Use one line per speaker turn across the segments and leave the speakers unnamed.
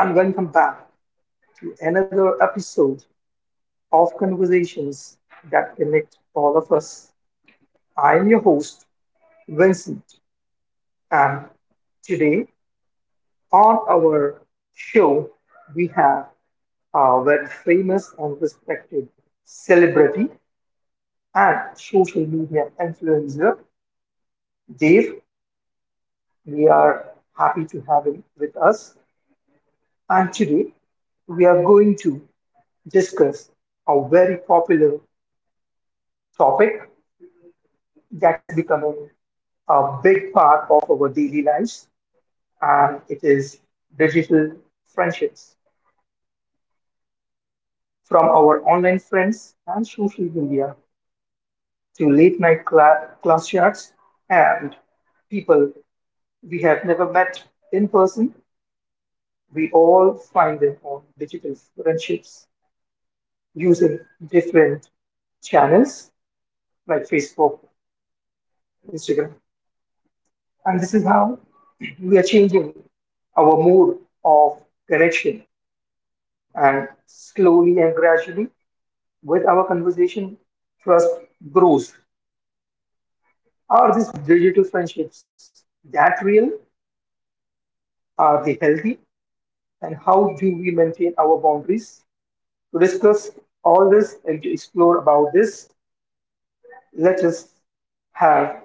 and welcome back to another episode of Conversations that Connect All of Us. I am your host, Vincent, and today on our show, we have a very famous and respected celebrity and social media influencer, Dave. We are happy to have him with us, and today we are going to discuss a very popular topic that is becoming a big part of our daily lives, and it is digital friendships. From our online friends and social media to late night class chats and people we have never met in person, we all find them on digital friendships using different channels like Facebook, Instagram. And this is how we are changing our mode of connection. And slowly and gradually, with our conversation, trust grows. Are these digital friendships that real? Are they healthy? And how do we maintain our boundaries? To discuss all this and to explore about this, let us have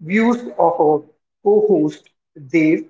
views of our co-host Dave.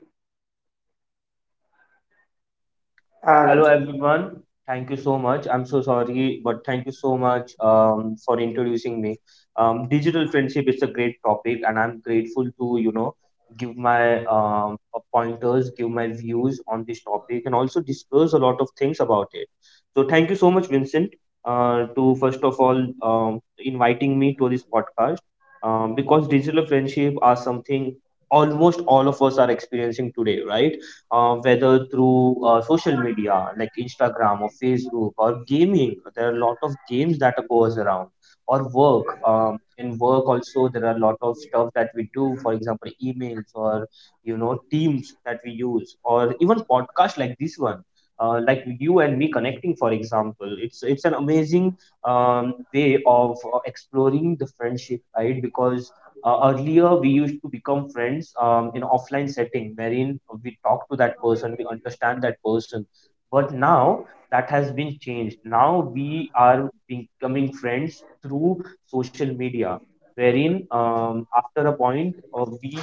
Hello
And
everyone. Thank you so much. I'm so sorry, but thank you so much for introducing me. Digital friendship is a great topic, and I'm grateful to give my pointers, give my views on this topic, and also discuss a lot of things about it. So thank you so much, Vincent, to first of all um, inviting me to this podcast because digital friendship are something almost all of us are experiencing today, right? Whether through social media like Instagram or Facebook or gaming. There are a lot of games that goes around or work. In work also, there are a lot of stuff that we do. For example, emails or Teams that we use or even podcast like this one. Like you and me connecting, for example, it's an amazing way of exploring the friendship, right? Because earlier, we used to become friends in offline setting, wherein we talk to that person, we understand that person. But now that has been changed. Now we are becoming friends through social media, wherein after a point,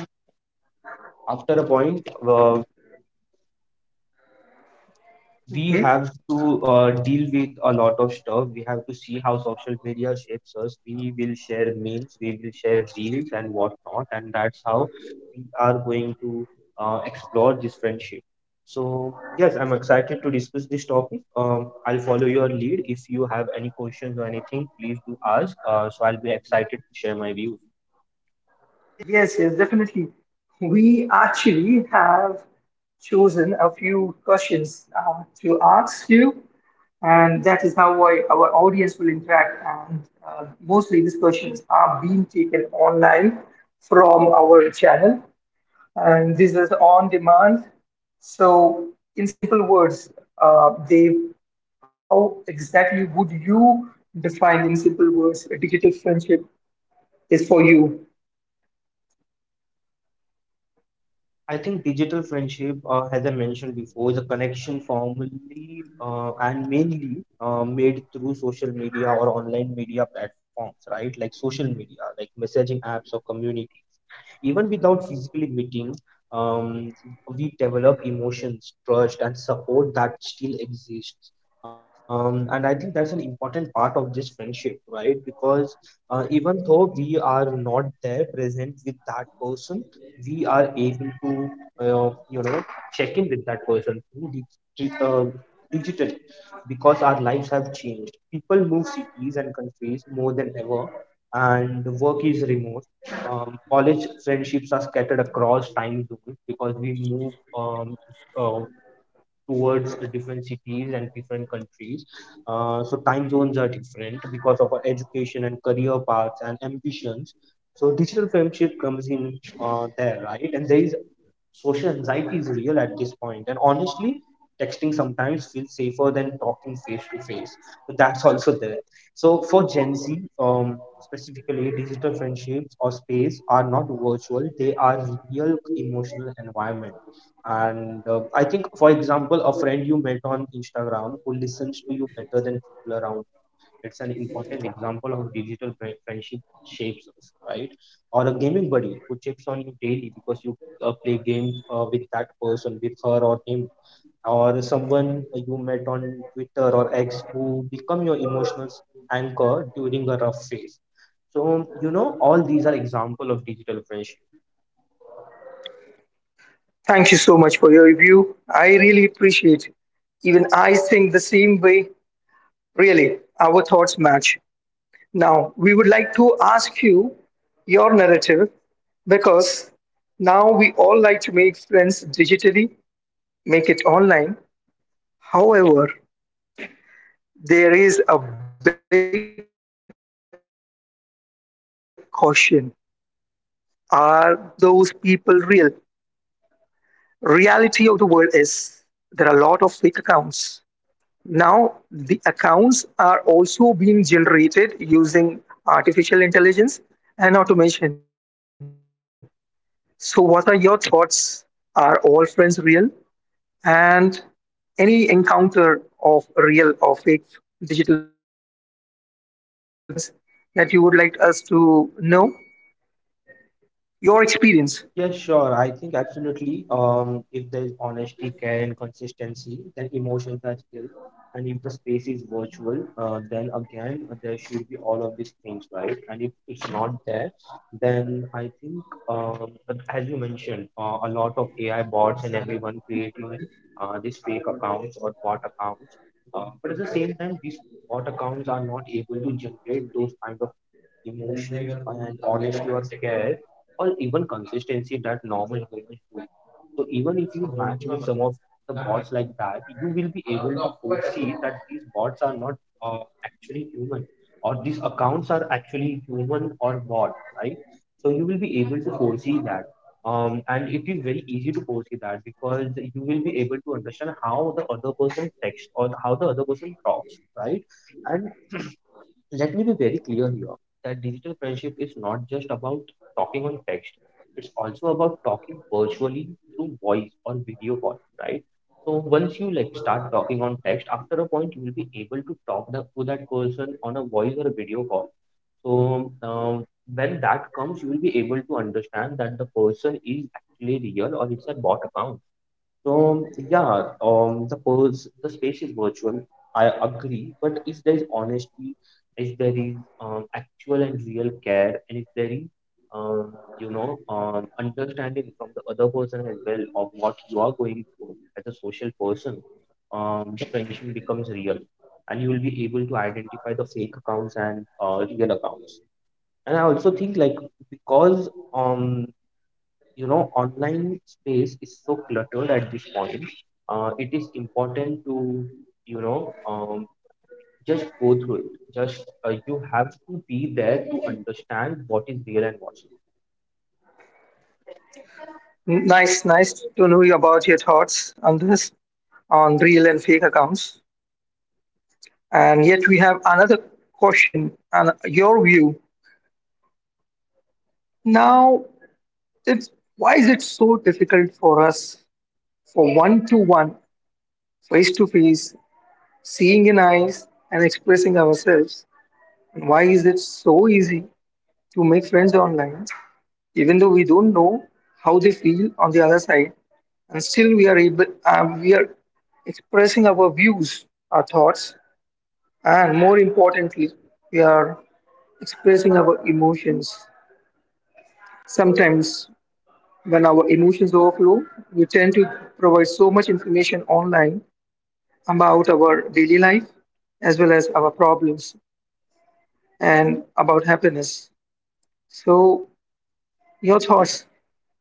after a point, uh,
mhm.
we have to deal with a lot of stuff. We have to see how social media shapes us. We will share memes, we will share reels and whatnot, and that's how we are going to explore this friendship. So yes, I'm excited to discuss this topic. I'll follow your lead. If you have any questions or anything, please do ask. So I'll be excited to share my views.
Yes, yes, definitely. We actually have chosen a few questions to ask you, and that is how I, our audience will interact. And mostly these questions are being taken online from our channel, and this is on demand. So, in simple words, they how exactly would you define in simple words a digital friendship is for you?
I think digital friendship, as I mentioned before, is a connection formally and mainly made through social media or online media platforms, right? Like social media, like messaging apps or community. Even without physically meeting, um, we develop emotions, trust, and support that still exists. And I think that's an important part of this friendship, right? Because even though we are not there present with that person, we are able to, uh, you know, check in with that person through dig- uh, digitally because our lives have changed. People move cities and countries more than ever, and work is remote, college friendships are scattered across time zones because we move uh, towards different cities and different countries. So time zones are different because of our education and career paths and ambitions. So digital friendship comes in there, right? And there is, social anxiety is real at this point. And honestly, texting sometimes feels safer than talking face to face. So that's also there. So for Gen Z, specifically, digital friendships or space are not virtual; they are real emotional environment, and I think, for example, a friend you met on Instagram who listens to you better than people around you. It's an important example of digital friendship shapes us, right? Or a gaming buddy who checks on you daily because you play games with that person, with her or him, or someone you met on Twitter or X who become your emotional anchor during a rough phase. So, you know, all these are example of digital friendship.
Thank you so much for your review. I really appreciate it. Even I think the same way. Really, our thoughts match. Now, we would like to ask you your narrative because now we all like to make friends digitally, make it online. However, there is a big caution. Are those people real? Reality of the world is there are a lot of fake accounts. Now, the accounts are also being generated using artificial intelligence and automation. So, what are your thoughts? Are all friends real? And any encounter of real or fake digital friends that you would like us to know? Your experience.
Yeah, sure. I think absolutely. If there is honesty, care, and consistency, then emotions are still. And if the space is virtual, then again, there should be all of these things, right? And if it's not there, then I think, as you mentioned, a lot of AI bots and everyone creating these fake accounts or bot accounts. But at the same time, these bot accounts are not able to generate those kind of emotions, and honesty or care, or even consistency that normal humans do. So even if you match with some of the bots like that, you will be able to foresee that these bots are not actually human, or these accounts are actually human or bot, right? So you will be able to foresee that. And it is very easy to foresee that because you will be able to understand how the other person texts or how the other person talks, right? And let me be very clear here that digital friendship is not just about talking on text. It's also about talking virtually through voice or video call, right? So once you like start talking on text, after a point you will be able to talk the, to that person on a voice or a video call. So when that comes, you will be able to understand that the person is actually real or it's a bot account. So yeah, the pose, the space is virtual. I agree, but if there is honesty, if there is actual and real care, and if there is um, understanding from the other person as well of what you are going through as a social person, the friendship becomes real, and you will be able to identify the fake accounts and real accounts. And I also think like, because you know online space is so cluttered at this point, it is important to you know um, just go through it just, you have to be there to understand what is real and what's not.
Nice, nice to know you about your thoughts on this, on real and fake accounts. And yet, we have another question and your view. Now, it's why is it so difficult for us for one to one, face to face, seeing in eyes and expressing ourselves? And why is it so easy to make friends online, even though we don't know how they feel on the other side, and still we are expressing our views, our thoughts, and more importantly, we are expressing our emotions. Sometimes, when our emotions overflow, we tend to provide so much information online about our daily life as well as our problems and about happiness. So, your thoughts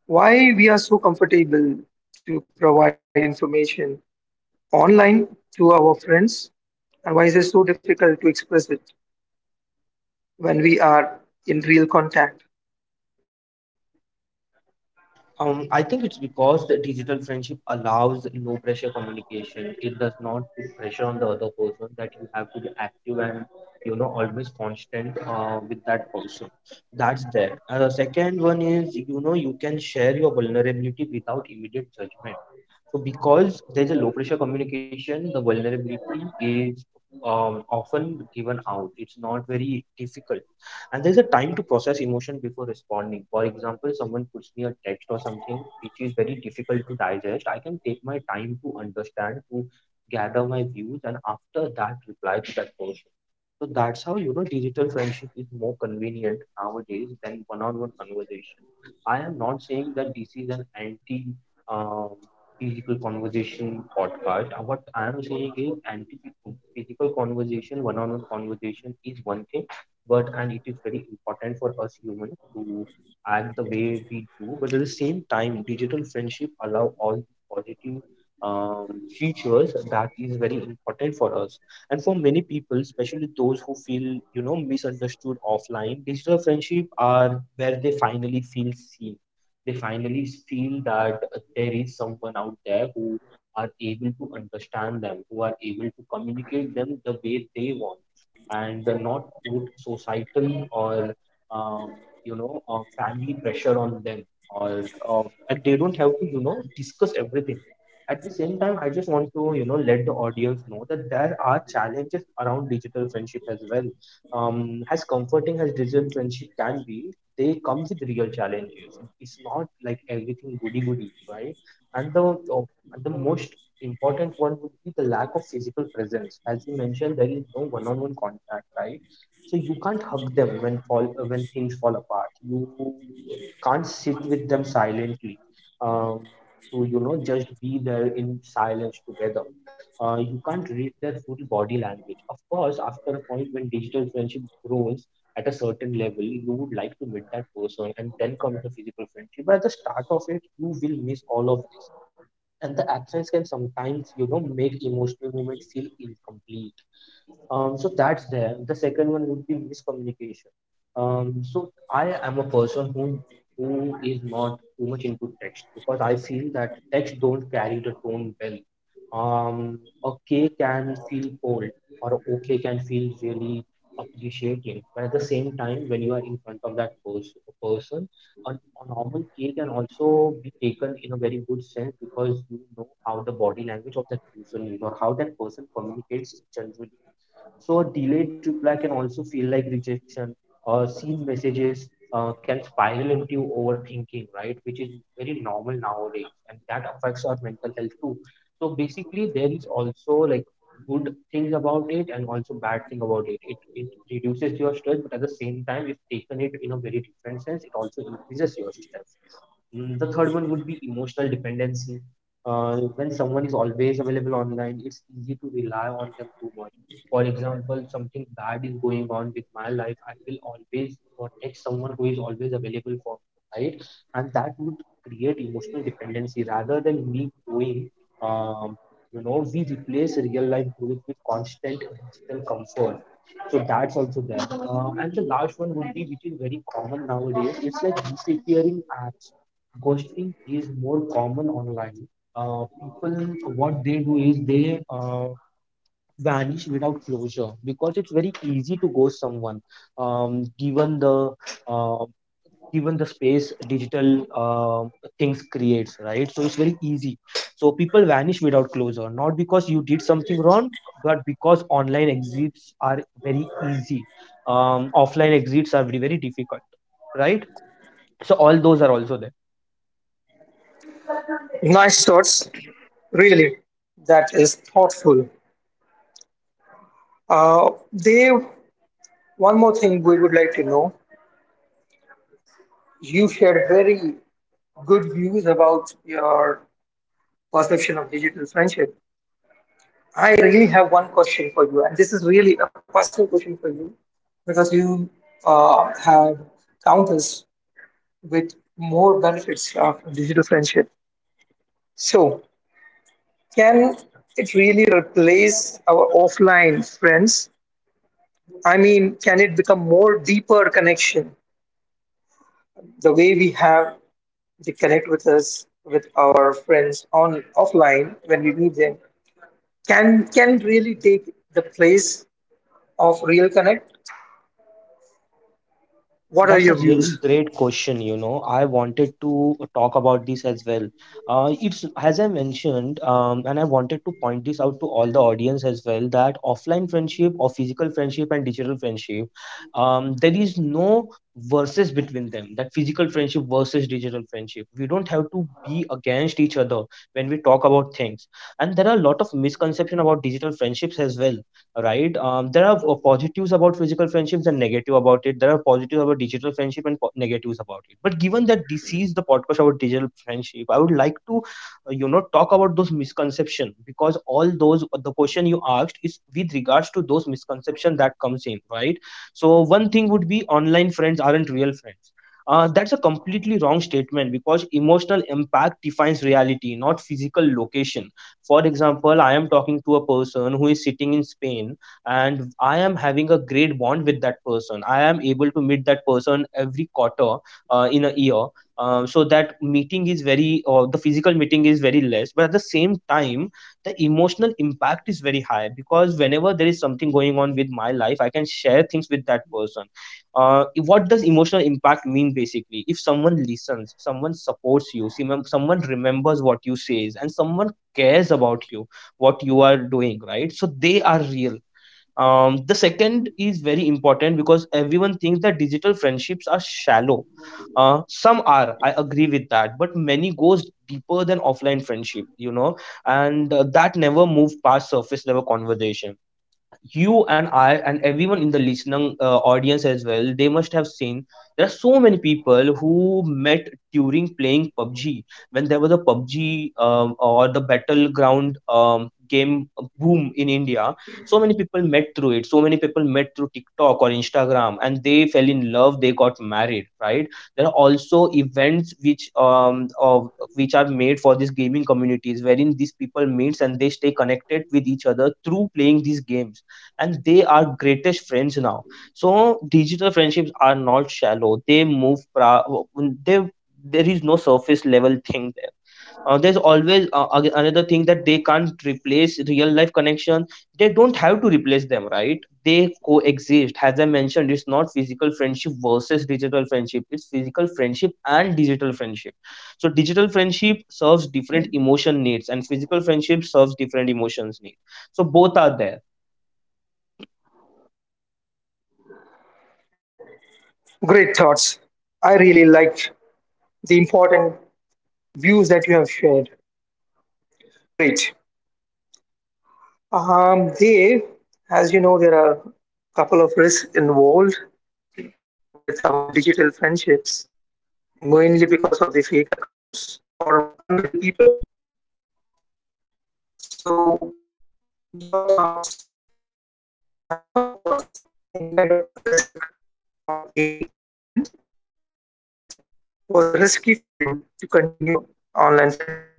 why we are so comfortable to provide information online to our friends and why is it so difficult to express it when we are in real contact?
I think it's because the digital friendship allows low pressure communication. It does not put pressure on the other person that you have to be active and you know always constant with that person. That's there. And the second one is you know you can share your vulnerability without immediate judgment. So because there's a low pressure communication, the vulnerability is often given out. It's not very difficult. And there's a time to process emotion before responding. For example, someone puts me a text or something which is very difficult to digest. I can take my time to understand, to gather my views, and after that reply to that person. So that's how you know digital friendship is more convenient nowadays than one-on-one conversation. I am not saying that this is an anti um, Physical Conversation podcast. What I am saying is anti physical conversation, one on one conversation is one thing, but and it is very important for us humans to act the way we do. But at the same time, digital friendship allow all these positive features that is very important for us. And for many people, especially those who feel you know misunderstood offline, digital friendship are where they finally feel seen, they finally feel that there is someone out there who are able to understand them, who are able to communicate them the way they want, and not put societal or um, you know family pressure on them, or and they don't have to you know discuss everything. At the same time, I just want to you know let the audience know that there are challenges around digital friendship as well. As comforting as digital friendship can be, they come with real challenges. It's not like everything goody goody, right? And the uh, and the most important one would be the lack of physical presence. As you mentioned, there is no one-on-one contact, right? So you can't hug them when fall when things fall apart. You can't sit with them silently, um, to you know just be there in silence together. You can't read their full body language. Of course, after a point when digital friendship grows at a certain level, you would like to meet that person, and then comes the physical friendship. But at the start of it, you will miss all of this, and the absence can sometimes, you know, make emotional moments feel incomplete. So that's there. The second one would be miscommunication. So I am a person who is not too much into text because I feel that text don't carry the tone well. Okay can feel cold or okay can feel really appreciating, but at the same time, when you are in front of that person, a normal K can also be taken in a very good sense because you know how the body language of that person is or how that person communicates generally, so a delayed reply can also feel like rejection. Seen messages can spiral into overthinking, right? Which is very normal nowadays, and that affects our mental health too. So basically, there is also like good things about it and also bad thing about it. It reduces your stress, but at the same time, if taken it in a very different sense, it also increases your stress. Mm, the third one would be emotional dependency. When someone is always available online, it's easy to rely on them too much. For example, something bad is going on with my life, I will always text someone who is always available for me, right? And that would create emotional dependency rather than me growing. Um, we replace real life growth with constant digital comfort. So that's also there. And the last one would be, which is very common nowadays, it's like disappearing apps. Ghosting is more common online. People, what they do is they vanish without closure because it's very easy to ghost someone. Um, given the uh, Given the space digital things creates, right? So it's very easy. So people vanish without closure, not because you did something wrong, but because online exits are very easy. Offline exits are very very difficult, right? So all those are also there.
Nice thoughts, really. That is thoughtful. Uh, Dave, one more thing we would like to know. You shared very good views about your perception of digital friendship. I really have one question for you, and this is really a personal question for you because you have found us with more benefits of digital friendship. So, can it really replace our offline friends? I mean, can it become more deeper connection the way we have they connect with us with our friends on offline when we meet them? Can really take the place of real connect? What are
That's
your
a really
views?
great question, you know. I wanted to talk about this as well. It's as I mentioned, and I wanted to point this out to all the audience as well that offline friendship or physical friendship and digital friendship, there is no versus between them. That physical friendship versus digital friendship. We don't have to be against each other when we talk about things. And there are a lot of misconception about digital friendships as well, right? There are positives about physical friendships and negative about it. There are positives about digital friendship and negatives about it, but given that this is the podcast about digital friendship, I would like to talk about those misconceptions because all those, the question you asked is with regards to those misconceptions that comes in, right? So one thing would be online friends aren't real friends. That's a completely wrong statement because emotional impact defines reality, not physical location. For example, I am talking to a person who is sitting in Spain and I am having a great bond with that person. I am able to meet that person every quarter in a year. So that meeting is very, or the physical meeting is very less, but at the same time, the emotional impact is very high because whenever there is something going on with my life, I can share things with that person. What does emotional impact mean basically? If someone listens, someone supports you, see, someone remembers what you says, and someone cares about you, what you are doing, right? So they are real. The second is very important because everyone thinks that digital friendships are shallow. Some are, I agree with that, but many goes deeper than offline friendship, you know, and that never move past surface level conversation. You and I and everyone in the listening audience as well, they must have seen there are so many people who met during playing PUBG when there was a PUBG or the battleground game boom in India. So many people met through it. So many people met through TikTok or Instagram, and they fell in love. They got married. Right? There are also events which of which are made for these gaming communities, wherein these people meets and they stay connected with each other through playing these games, and they are greatest friends now. So digital friendships are not shallow, they they there is no surface level thing there. Another thing that they can't replace real life connection. They don't have to replace them, right? They coexist, as I mentioned, it's not physical friendship versus digital friendship, it's physical friendship and digital friendship. So digital friendship serves different emotion needs and physical friendship serves different emotions need. So both are there.
Great thoughts. I really liked the important views that you have shared. Great. Dave, as you know, there are a couple of risks involved with our digital friendships, mainly because of the fake accounts or unreal people. So, your thoughts have you come across any kind of risk or any incident that was risky for you to continue online friendship?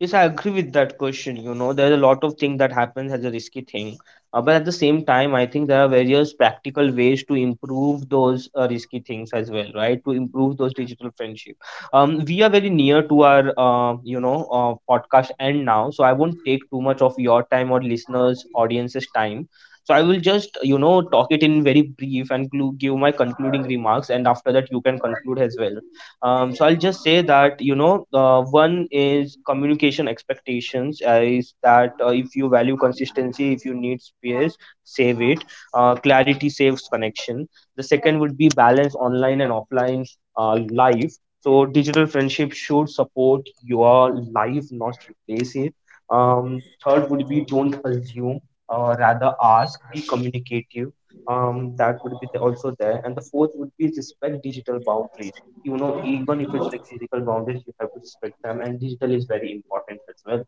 Yes, I agree with that question. You know, there's a lot of thing that happens as a risky thing. But at the same time, I think there are various practical ways to improve those risky things as well, right? To improve those digital friendship. We are very near to our, podcast end now. So I won't take too much of your time or listeners, audience's time. So I will just, you know, talk it in very brief and give my concluding remarks. And after that, you can conclude as well. So I'll just say that you know, one is communication expectations is that if you value consistency, if you need space, save it. Clarity saves connection. The second would be balance online and offline life. So digital friendship should support your life, not replace it. Third would be don't assume, rather ask. Be communicative. That would be the, also there. And the fourth would be respect digital boundaries. You know, even if it's like physical boundaries, you have to respect them, and digital is very important as well.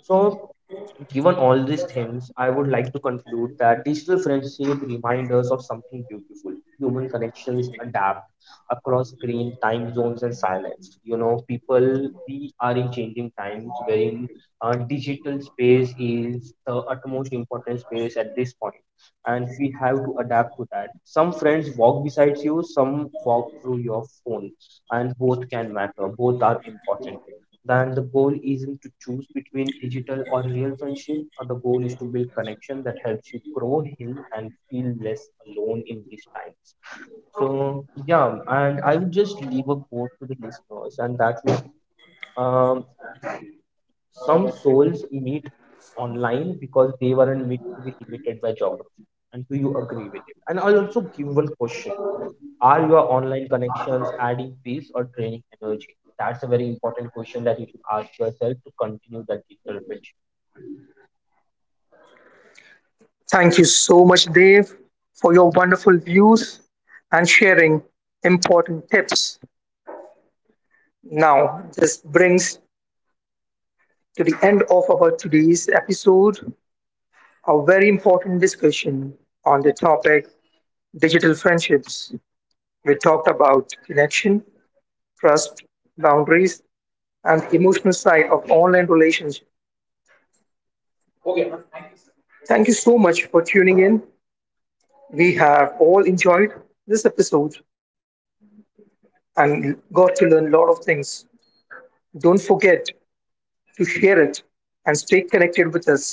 So, given all these things, I would like to conclude that digital friendship reminds us of something beautiful. Human connections adapt across screen, time zones, and silence. You know, people, we are in changing times wherein digital space is the utmost important space at this point, and we have to adapt to that. Some friends walk beside you, some walk through your phone, and both can matter. Both are important. Then the goal isn't to choose between digital or real friendship. The goal is to build connection that helps you grow, heal, and feel less alone in these times. So yeah, and I would just leave a quote to the listeners, and that would be, um, some souls meet online because they weren't meant to be limited by geography. And do you agree with it? And I'll also give one question. Are your online connections adding peace or draining energy? That's a very important question that you should ask yourself to continue that digital friendship.
Thank you so much, Dave, for your wonderful views and sharing important tips. Now, this brings to the end of our today's episode a very important discussion on the topic digital friendships. We talked about connection, trust, boundaries, and the emotional side of online relationships. Thank you so much for tuning in. We have all enjoyed this episode and got to learn a lot of things. Don't forget to share it, and stay connected with us.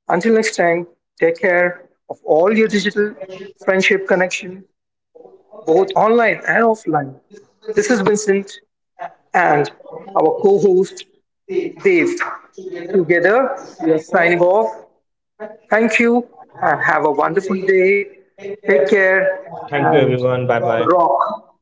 Until next time, take care of all your digital friendship connection, both online and offline. This is Vincent and our co-host Dave. Together, we are signing off. Thank you and have a wonderful day. Take care
Thank you,
and
everyone. Bye bye.
rock.